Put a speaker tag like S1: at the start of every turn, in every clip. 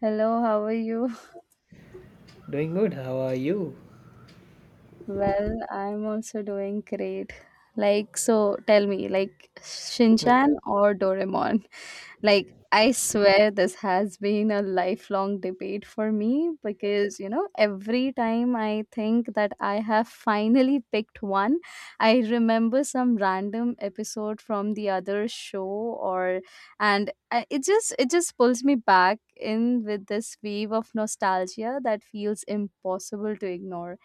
S1: Hello, how are you?
S2: Doing good. How are you?
S1: Well, I'm also doing great. Like, so tell me, like Shinchan or Doraemon? Like, I swear this has been a lifelong debate for me because, you know, every time I think that I have finally picked one, I remember some random episode from the other show or and I, it just pulls me back in with this wave of nostalgia that feels impossible to ignore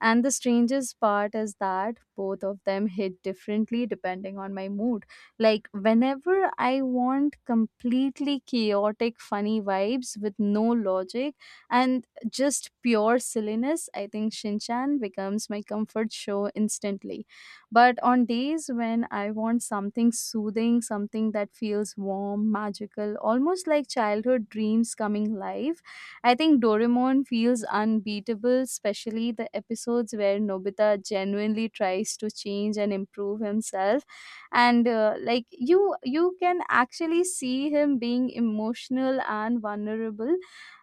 S1: and the strangest part is that both of them hit differently depending on my mood. Like, whenever I want completely chaotic, funny vibes with no logic and just pure silliness, I think Shinchan becomes my comfort show instantly. But on days when I want something soothing, something that feels warm, magical, almost like childhood dreams coming live, I think Doraemon feels unbeatable, especially the episodes where Nobita genuinely tries to change and improve himself and like you can actually see him being emotional and vulnerable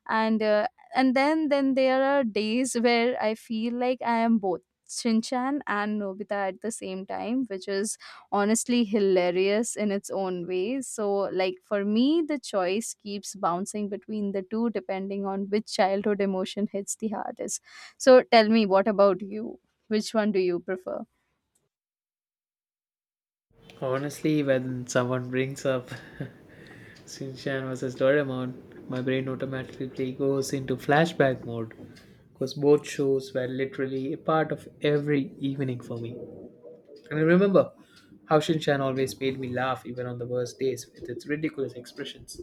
S1: and and then there are days where I feel like I am both Shinchan and Nobita at the same time, which is honestly hilarious in its own way. So, like for me, the choice keeps bouncing between the two depending on which childhood emotion hits the hardest. So, tell me, what about you? Which one do you prefer?
S2: Honestly, when someone brings up Shinchan versus Doraemon, my brain automatically goes into flashback mode because both shows were literally a part of every evening for me. And I remember how Shinchan always made me laugh even on the worst days with its ridiculous expressions.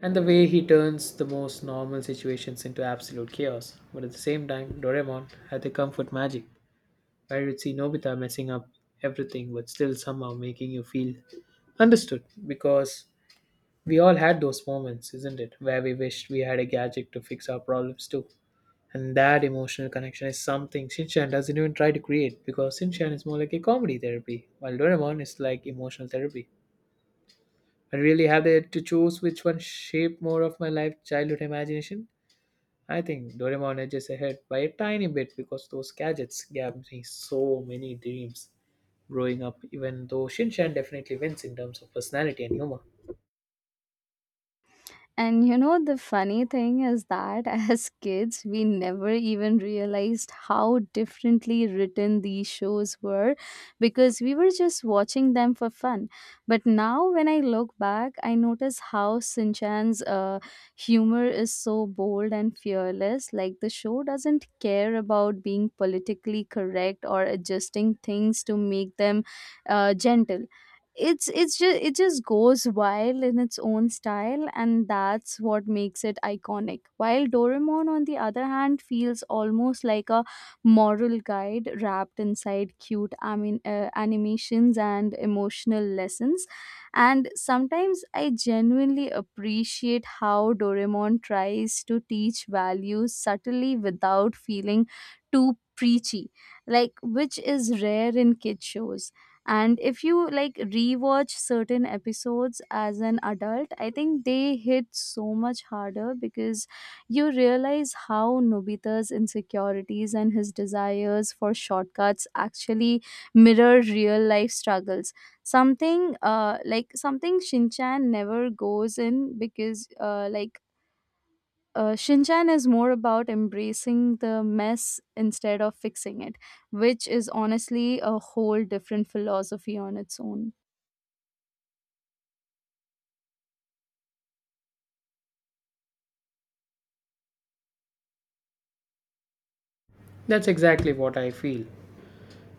S2: And the way he turns the most normal situations into absolute chaos. But at the same time, Doraemon had the comfort magic where you'd see Nobita messing up everything but still somehow making you feel understood because we all had those moments, isn't it, where we wished we had a gadget to fix our problems too. And that emotional connection is something Shinchan doesn't even try to create because Shinchan is more like a comedy therapy, while Doraemon is like emotional therapy. I really have it to choose which one shaped more of my life childhood imagination. I think Doraemon edges ahead by a tiny bit because those gadgets gave me so many dreams growing up, even though Shinshan definitely wins in terms of personality and humor.
S1: And you know, the funny thing is that as kids, we never even realized how differently written these shows were because we were just watching them for fun. But now, when I look back, I notice how Sinchan's Chan's humor is so bold and fearless. Like, the show doesn't care about being politically correct or adjusting things to make them gentle. It just goes wild in its own style and that's what makes it iconic, while Doraemon on the other hand feels almost like a moral guide wrapped inside cute animations and emotional lessons. And sometimes I genuinely appreciate how Doraemon tries to teach values subtly without feeling too preachy, like, which is rare in kid shows. And if you like rewatch certain episodes as an adult, I think they hit so much harder because you realize how Nobita's insecurities and his desires for shortcuts actually mirror real life struggles, something like something Shinchan never goes in because Shinchan is more about embracing the mess instead of fixing it, which is honestly a whole different philosophy on its own.
S2: That's exactly what I feel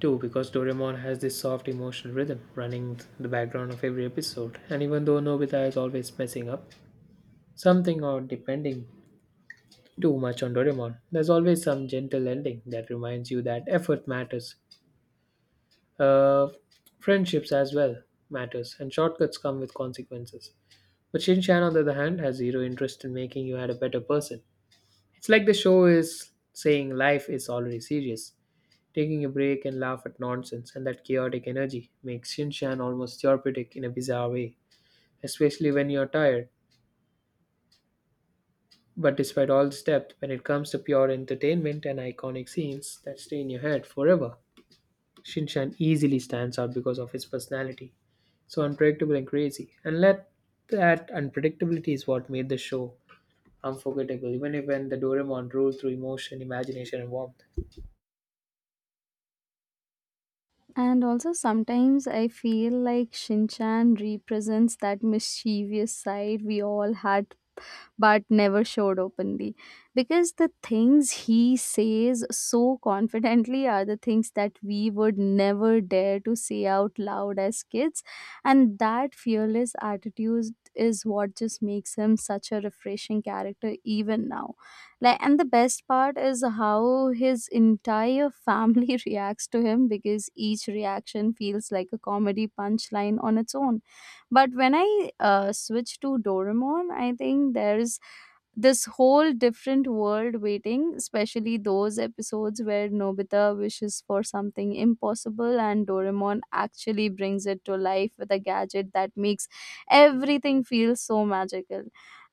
S2: too, because Doraemon has this soft emotional rhythm running the background of every episode. And even though Nobita is always messing up something or depending too much on Doraemon, there's always some gentle ending that reminds you that effort matters. Uh, Friendships as well matters, and shortcuts come with consequences. But Shinchan, on the other hand, has zero interest in making you had a better person. It's like the show is saying life is already serious. Taking a break and laugh at nonsense and that chaotic energy makes Shinshan almost therapeutic in a bizarre way, especially when you're tired. But despite all this depth, when it comes to pure entertainment and iconic scenes that stay in your head forever, Shinshan easily stands out because of his personality. So unpredictable and crazy. And let that unpredictability is what made the show unforgettable, even if when the Doraemon ruled through emotion, imagination, and warmth.
S1: And also, sometimes I feel like Shinchan represents that mischievous side we all had but never showed openly because the things he says so confidently are the things that we would never dare to say out loud as kids. And that fearless attitude is what just makes him such a refreshing character even now, like, and the best part is how his entire family reacts to him because each reaction feels like a comedy punchline on its own. But when I switch to Doraemon, I think there's this whole different world waiting, especially those episodes where Nobita wishes for something impossible and Doraemon actually brings it to life with a gadget that makes everything feel so magical.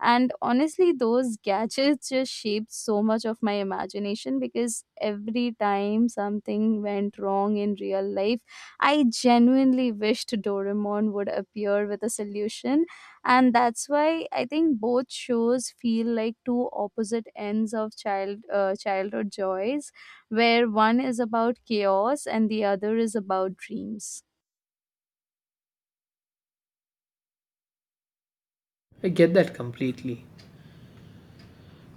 S1: And honestly, those gadgets just shaped so much of my imagination because every time something went wrong in real life, I genuinely wished Doraemon would appear with a solution. And that's why I think both shows feel like two opposite ends of childhood joys where one is about chaos and the other is about dreams.
S2: I get that completely.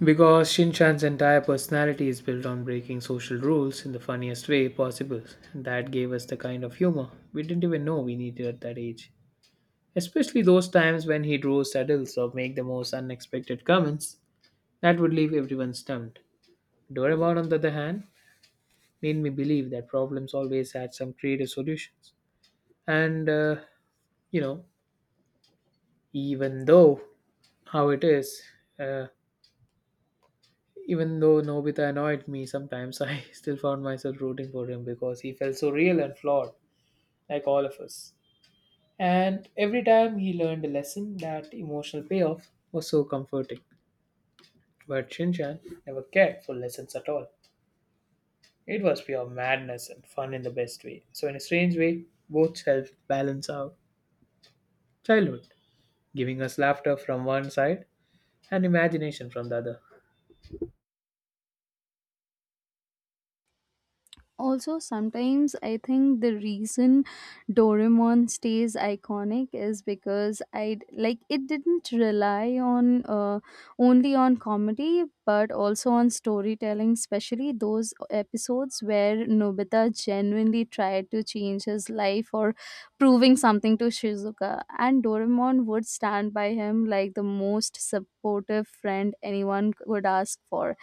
S2: Because Shinchan's entire personality is built on breaking social rules in the funniest way possible. And that gave us the kind of humor we didn't even know we needed at that age. Especially those times when he'd roast adults or make the most unexpected comments that would leave everyone stumped. Doraemon, on the other hand, made me believe that problems always had some creative solutions. And, you know, even though how it is, uh, Even though Nobita annoyed me sometimes, I still found myself rooting for him because he felt so real and flawed, like all of us. And every time he learned a lesson, that emotional payoff was so comforting. But Shinchan never cared for lessons at all. It was pure madness and fun in the best way. So, in a strange way, both helped balance our childhood, giving us laughter from one side and imagination from the other.
S1: Also, sometimes I think the reason Doraemon stays iconic is because, I like, it didn't rely on only on comedy but also on storytelling, especially those episodes where Nobita genuinely tried to change his life or proving something to Shizuka, and Doraemon would stand by him like the most supportive friend anyone could ask for.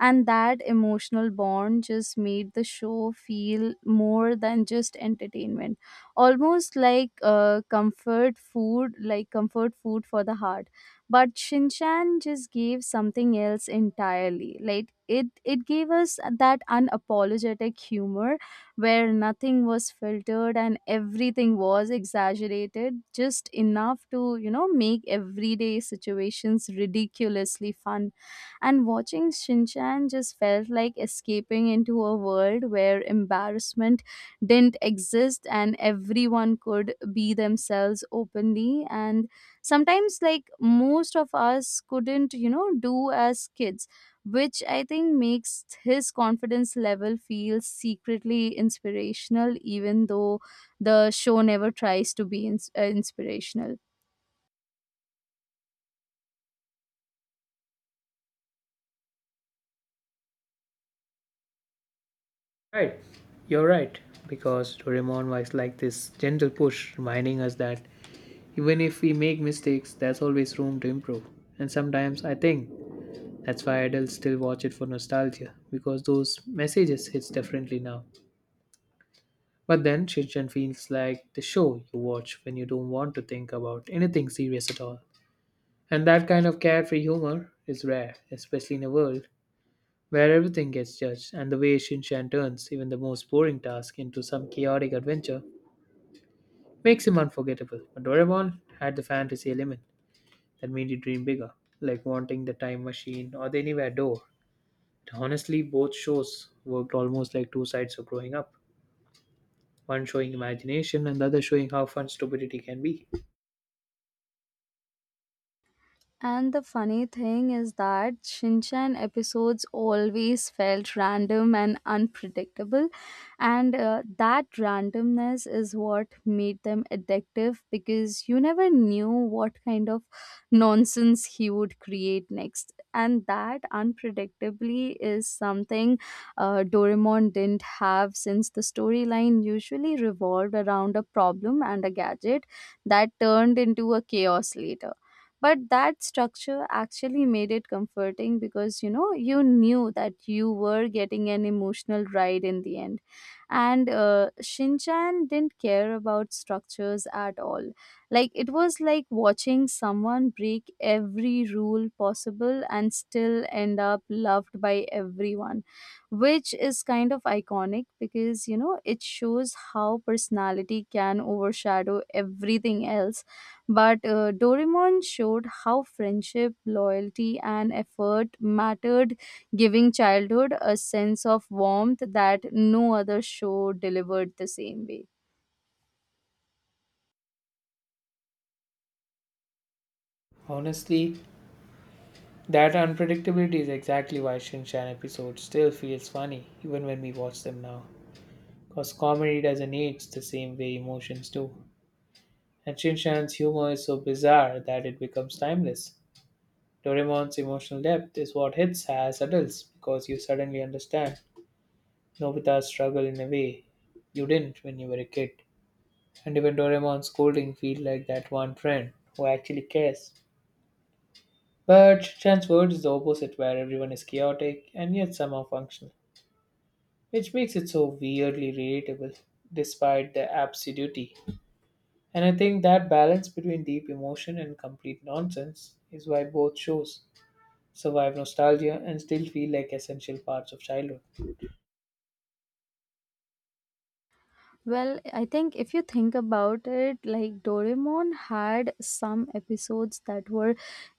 S1: And that emotional bond just made the show feel more than just entertainment, almost like comfort food for the heart. But Shinchan just gave something else entirely, like it gave us that unapologetic humor where nothing was filtered and everything was exaggerated just enough to, you know, make everyday situations ridiculously fun. And watching Shinchan just felt like escaping into a world where embarrassment didn't exist and everyone could be themselves openly, and sometimes, like, most of us couldn't, you know, do as kids, which I think makes his confidence level feel secretly inspirational even though the show never tries to be inspirational.
S2: Right, you're right, because Doraemon was like this gentle push reminding us that even if we make mistakes, there's always room to improve. And sometimes I think that's why adults still watch it for nostalgia, because those messages hits differently now. But then Shinchan feels like the show you watch when you don't want to think about anything serious at all. And that kind of carefree humor is rare, especially in a world where everything gets judged, and the way Shinchan turns even the most boring task into some chaotic adventure makes him unforgettable. But Doraemon had the fantasy element that made you dream bigger, like wanting the time machine or the anywhere door. And honestly, both shows worked almost like two sides of growing up. One showing imagination and the other showing how fun stupidity can be.
S1: And the funny thing is that Shinchan episodes always felt random and unpredictable, and that randomness is what made them addictive because you never knew what kind of nonsense he would create next. And that unpredictably is something Doraemon didn't have, since the storyline usually revolved around a problem and a gadget that turned into a chaos later. But that structure actually made it comforting because, you know, you knew that you were getting an emotional ride in the end. And Shinchan didn't care about structures at all. Like, it was like watching someone break every rule possible and still end up loved by everyone, which is kind of iconic because, you know, it shows how personality can overshadow everything else. But Doraemon showed how friendship, loyalty, and effort mattered, giving childhood a sense of warmth that no other show delivered the same way.
S2: Honestly, that unpredictability is exactly why Shin Chan episodes still feels funny even when we watch them now. Because comedy doesn't age the same way emotions do. And Shin Chan's humor is so bizarre that it becomes timeless. Doraemon's emotional depth is what hits as adults because you suddenly understand Nobita's struggle in a way you didn't when you were a kid. And even Doraemon's scolding feel like that one friend who actually cares. But Shincan's world is the opposite where everyone is chaotic and yet somehow functional, which makes it so weirdly relatable despite the absurdity. And I think that balance between deep emotion and complete nonsense is why both shows survive nostalgia, and still feel like essential parts of childhood.
S1: Well, I think if you think about it, like, Doraemon had some episodes that were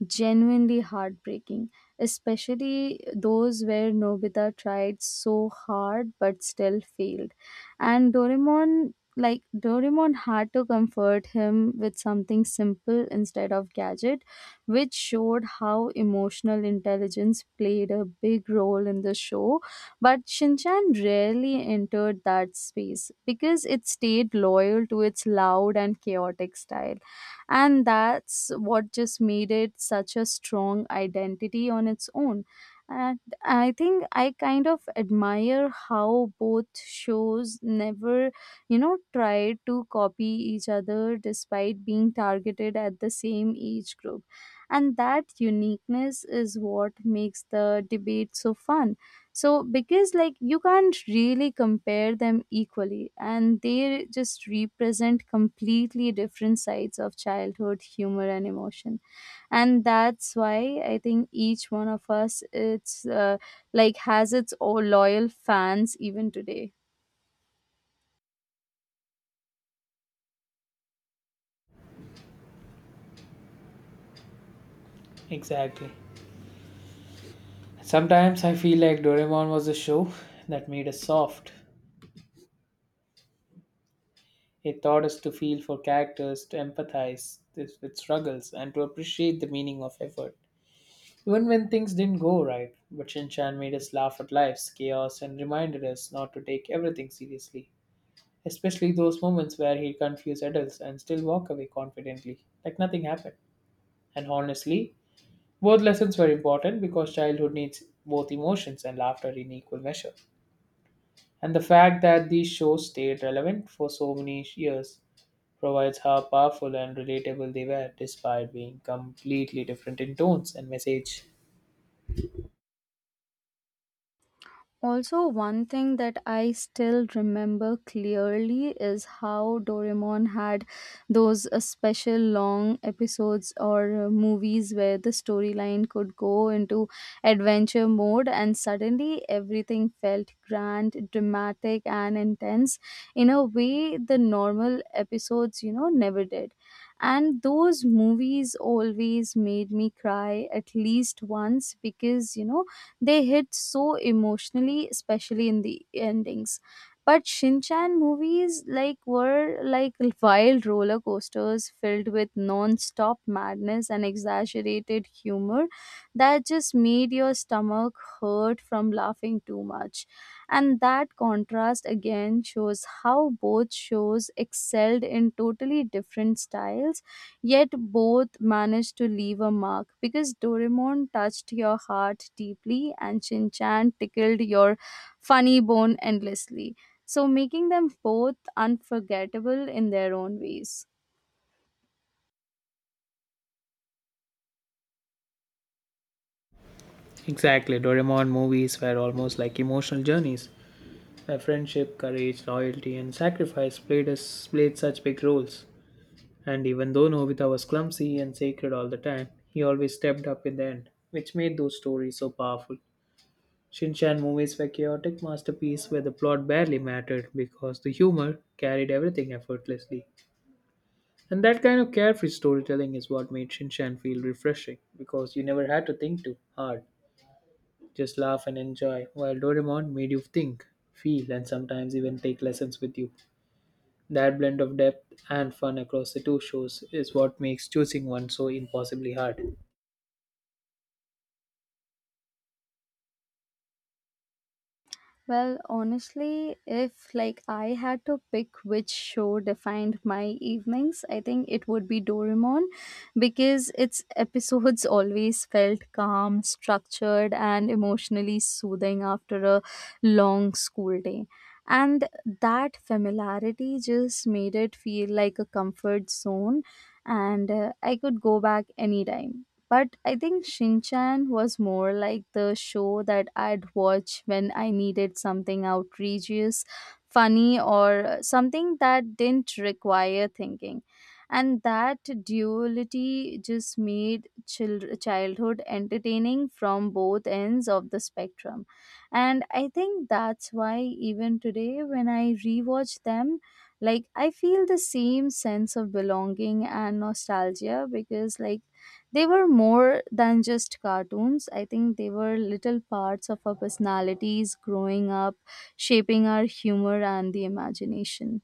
S1: genuinely heartbreaking, especially those where Nobita tried so hard but still failed. And Doraemon, like Doraemon, had to comfort him with something simple instead of gadget, which showed how emotional intelligence played a big role in the show. But Shinchan rarely entered that space because it stayed loyal to its loud and chaotic style. And that's what just made it such a strong identity on its own. And I think I kind of admire how both shows never, you know, tried to copy each other despite being targeted at the same age group. And that uniqueness is what makes the debate so fun, so because, like, you can't really compare them equally and they just represent completely different sides of childhood humor and emotion. And that's why I think each one of us, it's like has its own loyal fans even today.
S2: Exactly. Sometimes I feel like Doraemon was a show that made us soft. It taught us to feel for characters, to empathize with struggles, and to appreciate the meaning of effort. Even when things didn't go right, but Shinchan made us laugh at life's chaos and reminded us not to take everything seriously. Especially those moments where he'd confuse adults and still walk away confidently, like nothing happened. And honestly, both lessons were important because childhood needs both emotions and laughter in equal measure. And the fact that these shows stayed relevant for so many years provides how powerful and relatable they were despite being completely different in tones and message.
S1: Also, one thing that I still remember clearly is how Doraemon had those special long episodes or movies where the storyline could go into adventure mode, and suddenly everything felt grand, dramatic, and intense in a way the normal episodes, you know, never did. And those movies always made me cry at least once because, you know, they hit so emotionally, especially in the endings. But Shinchan movies, were like wild roller coasters filled with non-stop madness and exaggerated humor that just made your stomach hurt from laughing too much. And that contrast again shows how both shows excelled in totally different styles, yet both managed to leave a mark because Doraemon touched your heart deeply and Shin Chan tickled your funny bone endlessly, so making them both unforgettable in their own ways.
S2: Exactly, Doraemon movies were almost like emotional journeys where friendship, courage, loyalty, and sacrifice played, us, played such big roles. And even though Nobita was clumsy and sacred all the time, he always stepped up in the end, which made those stories so powerful. Shinchan movies were chaotic masterpieces where the plot barely mattered because the humor carried everything effortlessly. And that kind of carefree storytelling is what made Shinchan feel refreshing because you never had to think too hard. Just laugh and enjoy, while Doraemon made you think, feel, and sometimes even take lessons with you. That blend of depth and fun across the two shows is what makes choosing one so impossibly hard.
S1: Well, honestly, if like I had to pick which show defined my evenings, I think it would be Doraemon because its episodes always felt calm, structured, and emotionally soothing after a long school day. And that familiarity just made it feel like a comfort zone, and I could go back anytime. But I think Shinchan was more like the show that I'd watch when I needed something outrageous, funny, or something that didn't require thinking. And that duality just made childhood entertaining from both ends of the spectrum. And I think that's why even today, when I rewatch them, like, I feel the same sense of belonging and nostalgia because, like, they were more than just cartoons. I think they were little parts of our personalities growing up, shaping our humor and the imagination.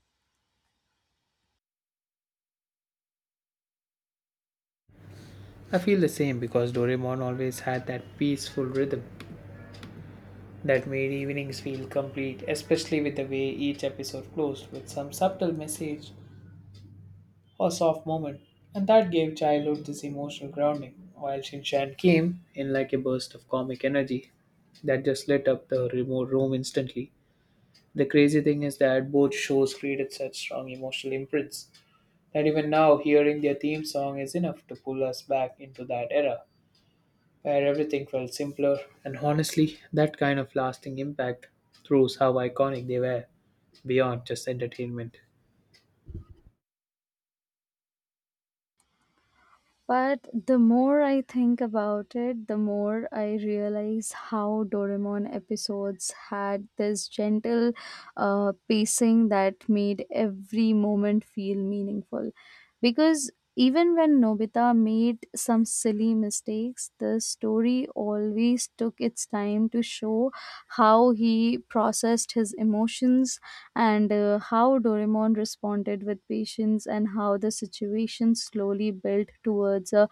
S2: I feel the same because Doraemon always had that peaceful rhythm that made evenings feel complete, especially with the way each episode closed with some subtle message or soft moment, and that gave childhood this emotional grounding, while Shinshan came in like a burst of comic energy that just lit up the remote room instantly. The crazy thing is that both shows created such strong emotional imprints that even now hearing their theme song is enough to pull us back into that era where everything felt simpler, and honestly, that kind of lasting impact proves how iconic they were beyond just entertainment.
S1: But the more I think about it, the more I realize how Doraemon episodes had this gentle pacing that made every moment feel meaningful. Because even when Nobita made some silly mistakes, the story always took its time to show how he processed his emotions, and how Doraemon responded with patience, and how the situation slowly built towards a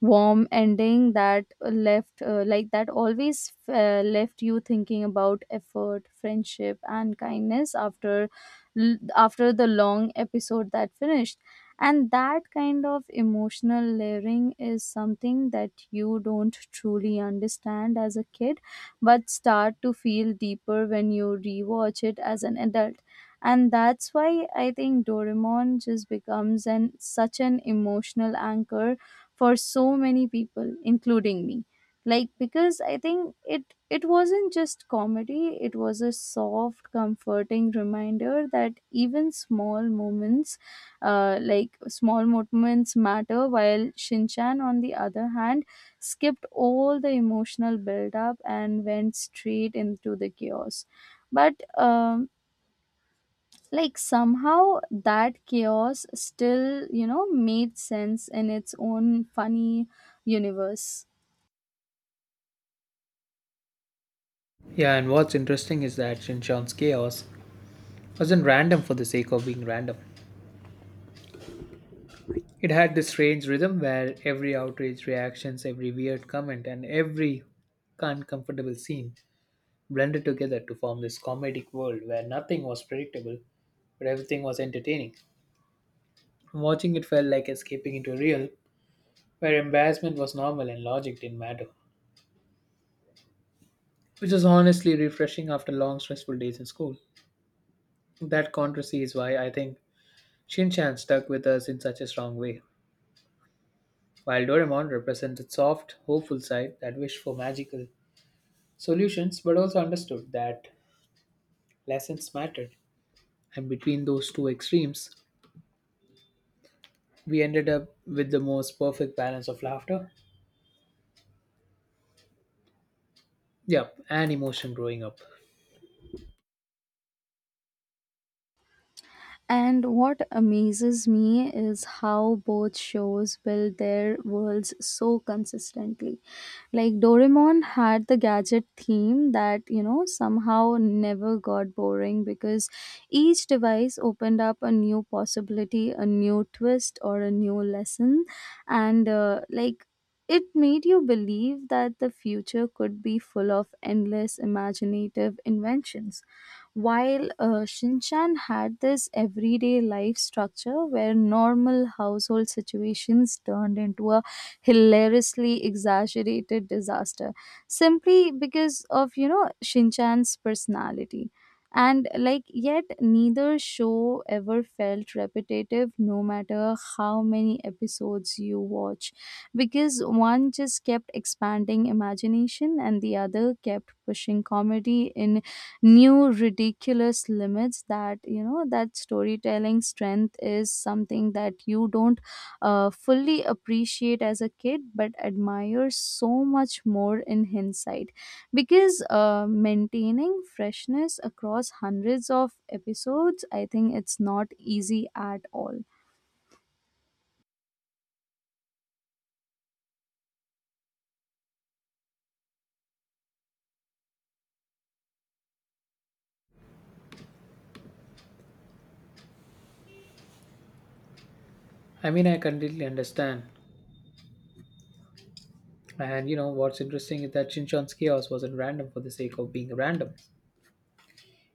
S1: warm ending that left like that always left you thinking about effort, friendship and kindness after after the long episode that finished. And that kind of emotional layering is something that you don't truly understand as a kid, but start to feel deeper when you rewatch it as an adult. And that's why I think Doraemon just becomes an such an emotional anchor for so many people including me. Like, because I think it wasn't just comedy, it was a soft comforting reminder that even small moments, small moments matter. While Shinchan, on the other hand, skipped all the emotional build up and went straight into the chaos. But like, somehow that chaos still, you know, made sense in its own funny universe.
S2: Yeah, and what's interesting is that Shinchon's chaos wasn't random for the sake of being random. It had this strange rhythm where every outrage reactions, every weird comment, and every uncomfortable scene blended together to form this comedic world where nothing was predictable, but everything was entertaining. Watching it felt like escaping into a real where embarrassment was normal and logic didn't matter, which was honestly refreshing after long stressful days in school. That contrast is why I think Shinchan stuck with us in such a strong way, while Doraemon represents its soft, hopeful side that wished for magical solutions but also understood that lessons mattered. And between those two extremes, we ended up with the most perfect balance of laughter, yep, and emotion growing up.
S1: And what amazes me is how both shows build their worlds so consistently. Like Doraemon had the gadget theme that, you know, somehow never got boring because each device opened up a new possibility, a new twist, or a new lesson. And like, it made you believe that the future could be full of endless imaginative inventions, while Shinchan had this everyday life structure where normal household situations turned into a hilariously exaggerated disaster simply because of, you know, Shinchan's personality. And like, yet neither show ever felt repetitive no matter how many episodes you watch, because one just kept expanding imagination and the other kept pushing comedy in new ridiculous limits. That, you know, that storytelling strength is something that you don't fully appreciate as a kid but admire so much more in hindsight, because maintaining freshness across hundreds of episodes, I think it's not easy at all.
S2: I mean, I completely understand. And you know what's interesting is that Shinchan's chaos wasn't random for the sake of being random.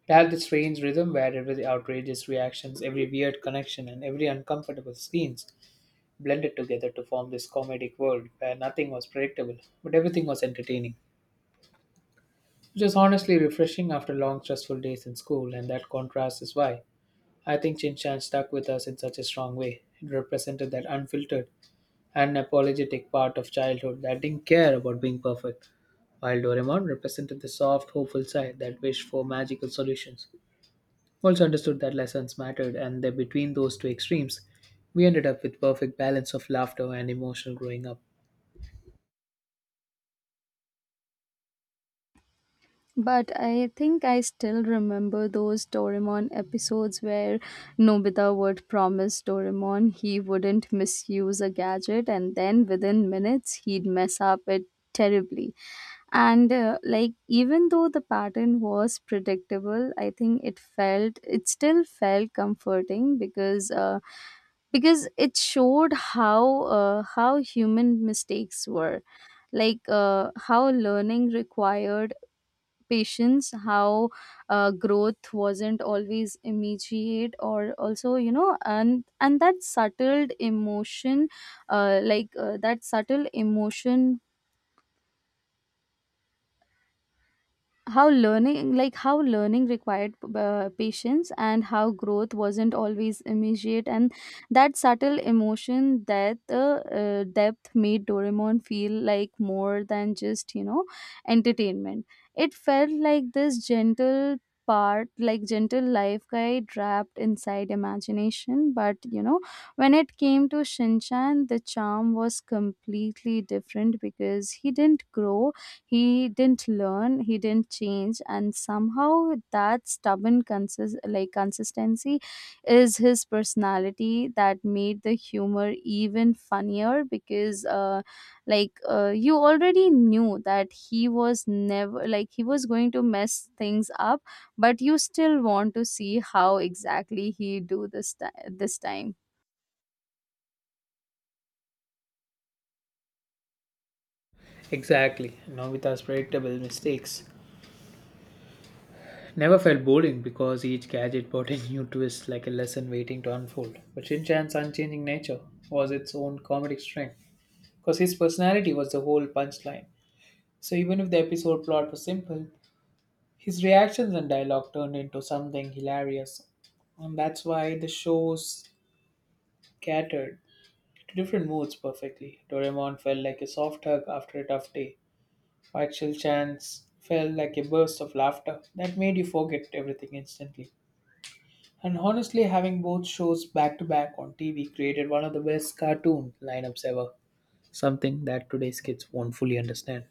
S2: Tell the strange rhythm where every outrageous reactions, every weird connection, and every uncomfortable scenes blended together to form this comedic world where nothing was predictable, but everything was entertaining. Which was honestly refreshing after long stressful days in school, and that contrast is why I think Chin Chan stuck with us in such a strong way. It represented that unfiltered and apologetic part of childhood that didn't care about being perfect, while Doraemon represented the soft, hopeful side that wished for magical solutions. Also understood that lessons mattered and that between those two extremes we ended up with perfect balance of laughter and emotional growing up.
S1: But I think I still remember those Doraemon episodes where Nobita would promise Doraemon he wouldn't misuse a gadget, and then within minutes he'd mess up it terribly. And like, even though the pattern was predictable, I think it still felt comforting, because it showed how human mistakes were, how learning required patience, how growth wasn't always immediate, or also, you know. And that subtle emotion like that subtle emotion how learning like how learning required patience, and how growth wasn't always immediate, and that subtle emotion, that depth, made Doraemon feel like more than just, you know, entertainment. It felt like this gentle part like gentle life guide wrapped inside imagination. But you know, when it came to Shinchan, the charm was completely different because he didn't grow, he didn't learn, he didn't change, and somehow that stubborn consist like consistency is his personality that made the humor even funnier, because you already knew that he was never like he was going to mess things up, but you still want to see how exactly he do this time.
S2: Exactly, novita's predictable mistakes never felt boring because each gadget brought a new twist like a lesson waiting to unfold, but shinchan's unchanging nature was its own comedic strength because his personality was the whole punchline. So even if the episode plot was simple, his reactions and dialogue turned into something hilarious. And that's why the show's scattered to different moods perfectly. Doraemon felt like a soft hug after a tough day, while Chilchans felt like a burst of laughter that made you forget everything instantly. And honestly, having both shows back to back on TV created one of the best cartoon lineups ever. Something that today's kids won't fully understand.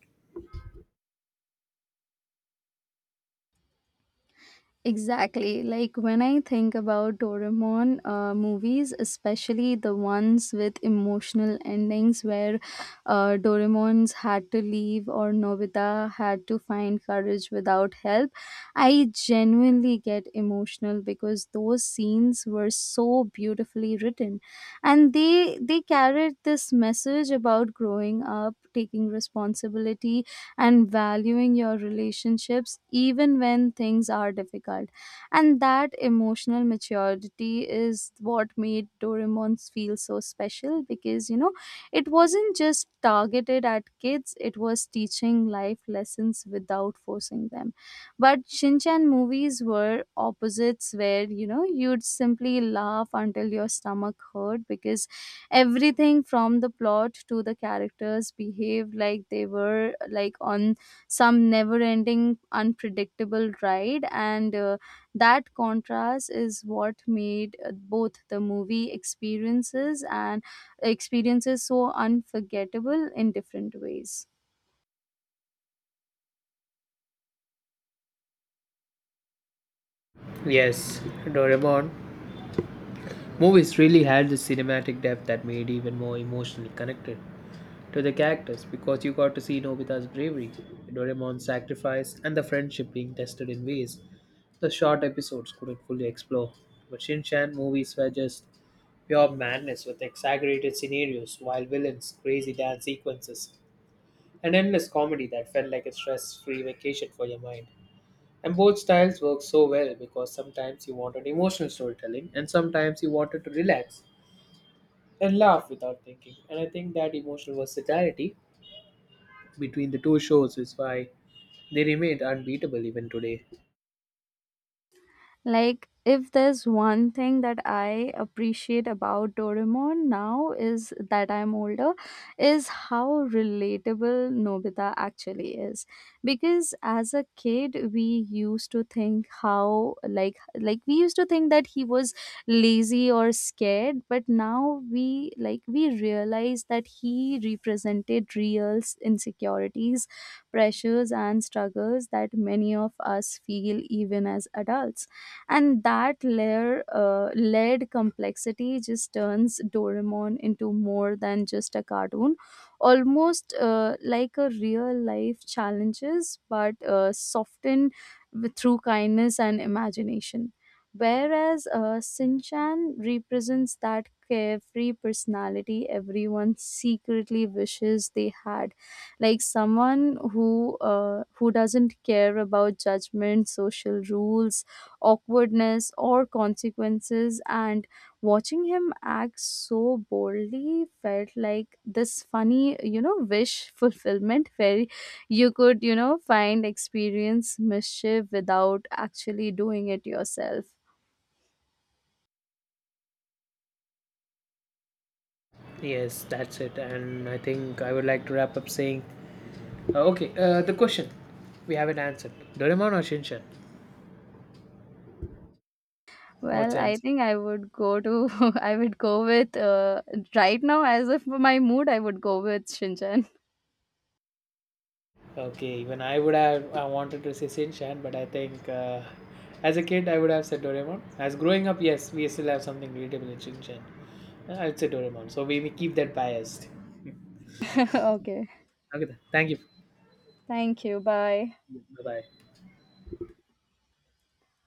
S1: Exactly. Like, when I think about Doraemon movies, especially the ones with emotional endings where Doraemon's had to leave or Nobita had to find courage without help, I genuinely get emotional because those scenes were so beautifully written, and they carried this message about growing up, taking responsibility, and valuing your relationships even when things are difficult. And that emotional maturity is what made Doraemon feel so special because, you know, it wasn't just targeted at kids, it was teaching life lessons without forcing them. But Shinchan movies were opposites, where, you know, you'd simply laugh until your stomach hurt because everything from the plot to the characters behaved like they were like on some never ending unpredictable ride. And that contrast is what made both the movie experiences and experiences so unforgettable in different ways.
S2: Yes, Doraemon movies really had the cinematic depth that made even more emotionally connected to the characters because you got to see Nobita's bravery, Doraemon's sacrifice, and the friendship being tested in ways the short episodes couldn't fully explore, but Shin Chan movies were just pure madness with exaggerated scenarios, wild villains, crazy dance sequences, and endless comedy that felt like a stress free vacation for your mind. And both styles work so well because sometimes you wanted emotional storytelling and sometimes you wanted to relax and laugh without thinking. And I think that emotional versatility between the two shows is why they remained unbeatable even today.
S1: Like, if there's one thing that I appreciate about Doraemon now is that I'm older, is how relatable Nobita actually is, because as a kid we used to think how like we used to think that he was lazy or scared, but now we realize that he represented real insecurities, pressures and struggles that many of us feel even as adults. And that layered complexity just turns Doraemon into more than just a cartoon, almost like a real life challenges, but softened with, through kindness and imagination. Whereas Sinchan represents that carefree personality everyone secretly wishes they had, like someone who doesn't care about judgment, social rules, awkwardness or consequences. And watching him act so boldly felt like this funny, you know, wish fulfillment where you could, you know, find experience mischief without actually doing it yourself.
S2: Yes, that's it. And I think I would like to wrap up saying okay, the question. We haven't answered. Doraemon or Shinshan? What's
S1: Well,
S2: your
S1: I
S2: answer?
S1: think I would go to I would go with right now, as of my mood, I would go with Shinchan.
S2: Okay, even I would have I wanted to say Shinshan, but I think as a kid I would have said Doraemon. As growing up, yes, we still have something relatable in Shinshan. I'd say Doraemon. So we keep that biased.
S1: Okay,
S2: Okay, then. Thank you.
S1: thank you, bye.
S2: Bye bye.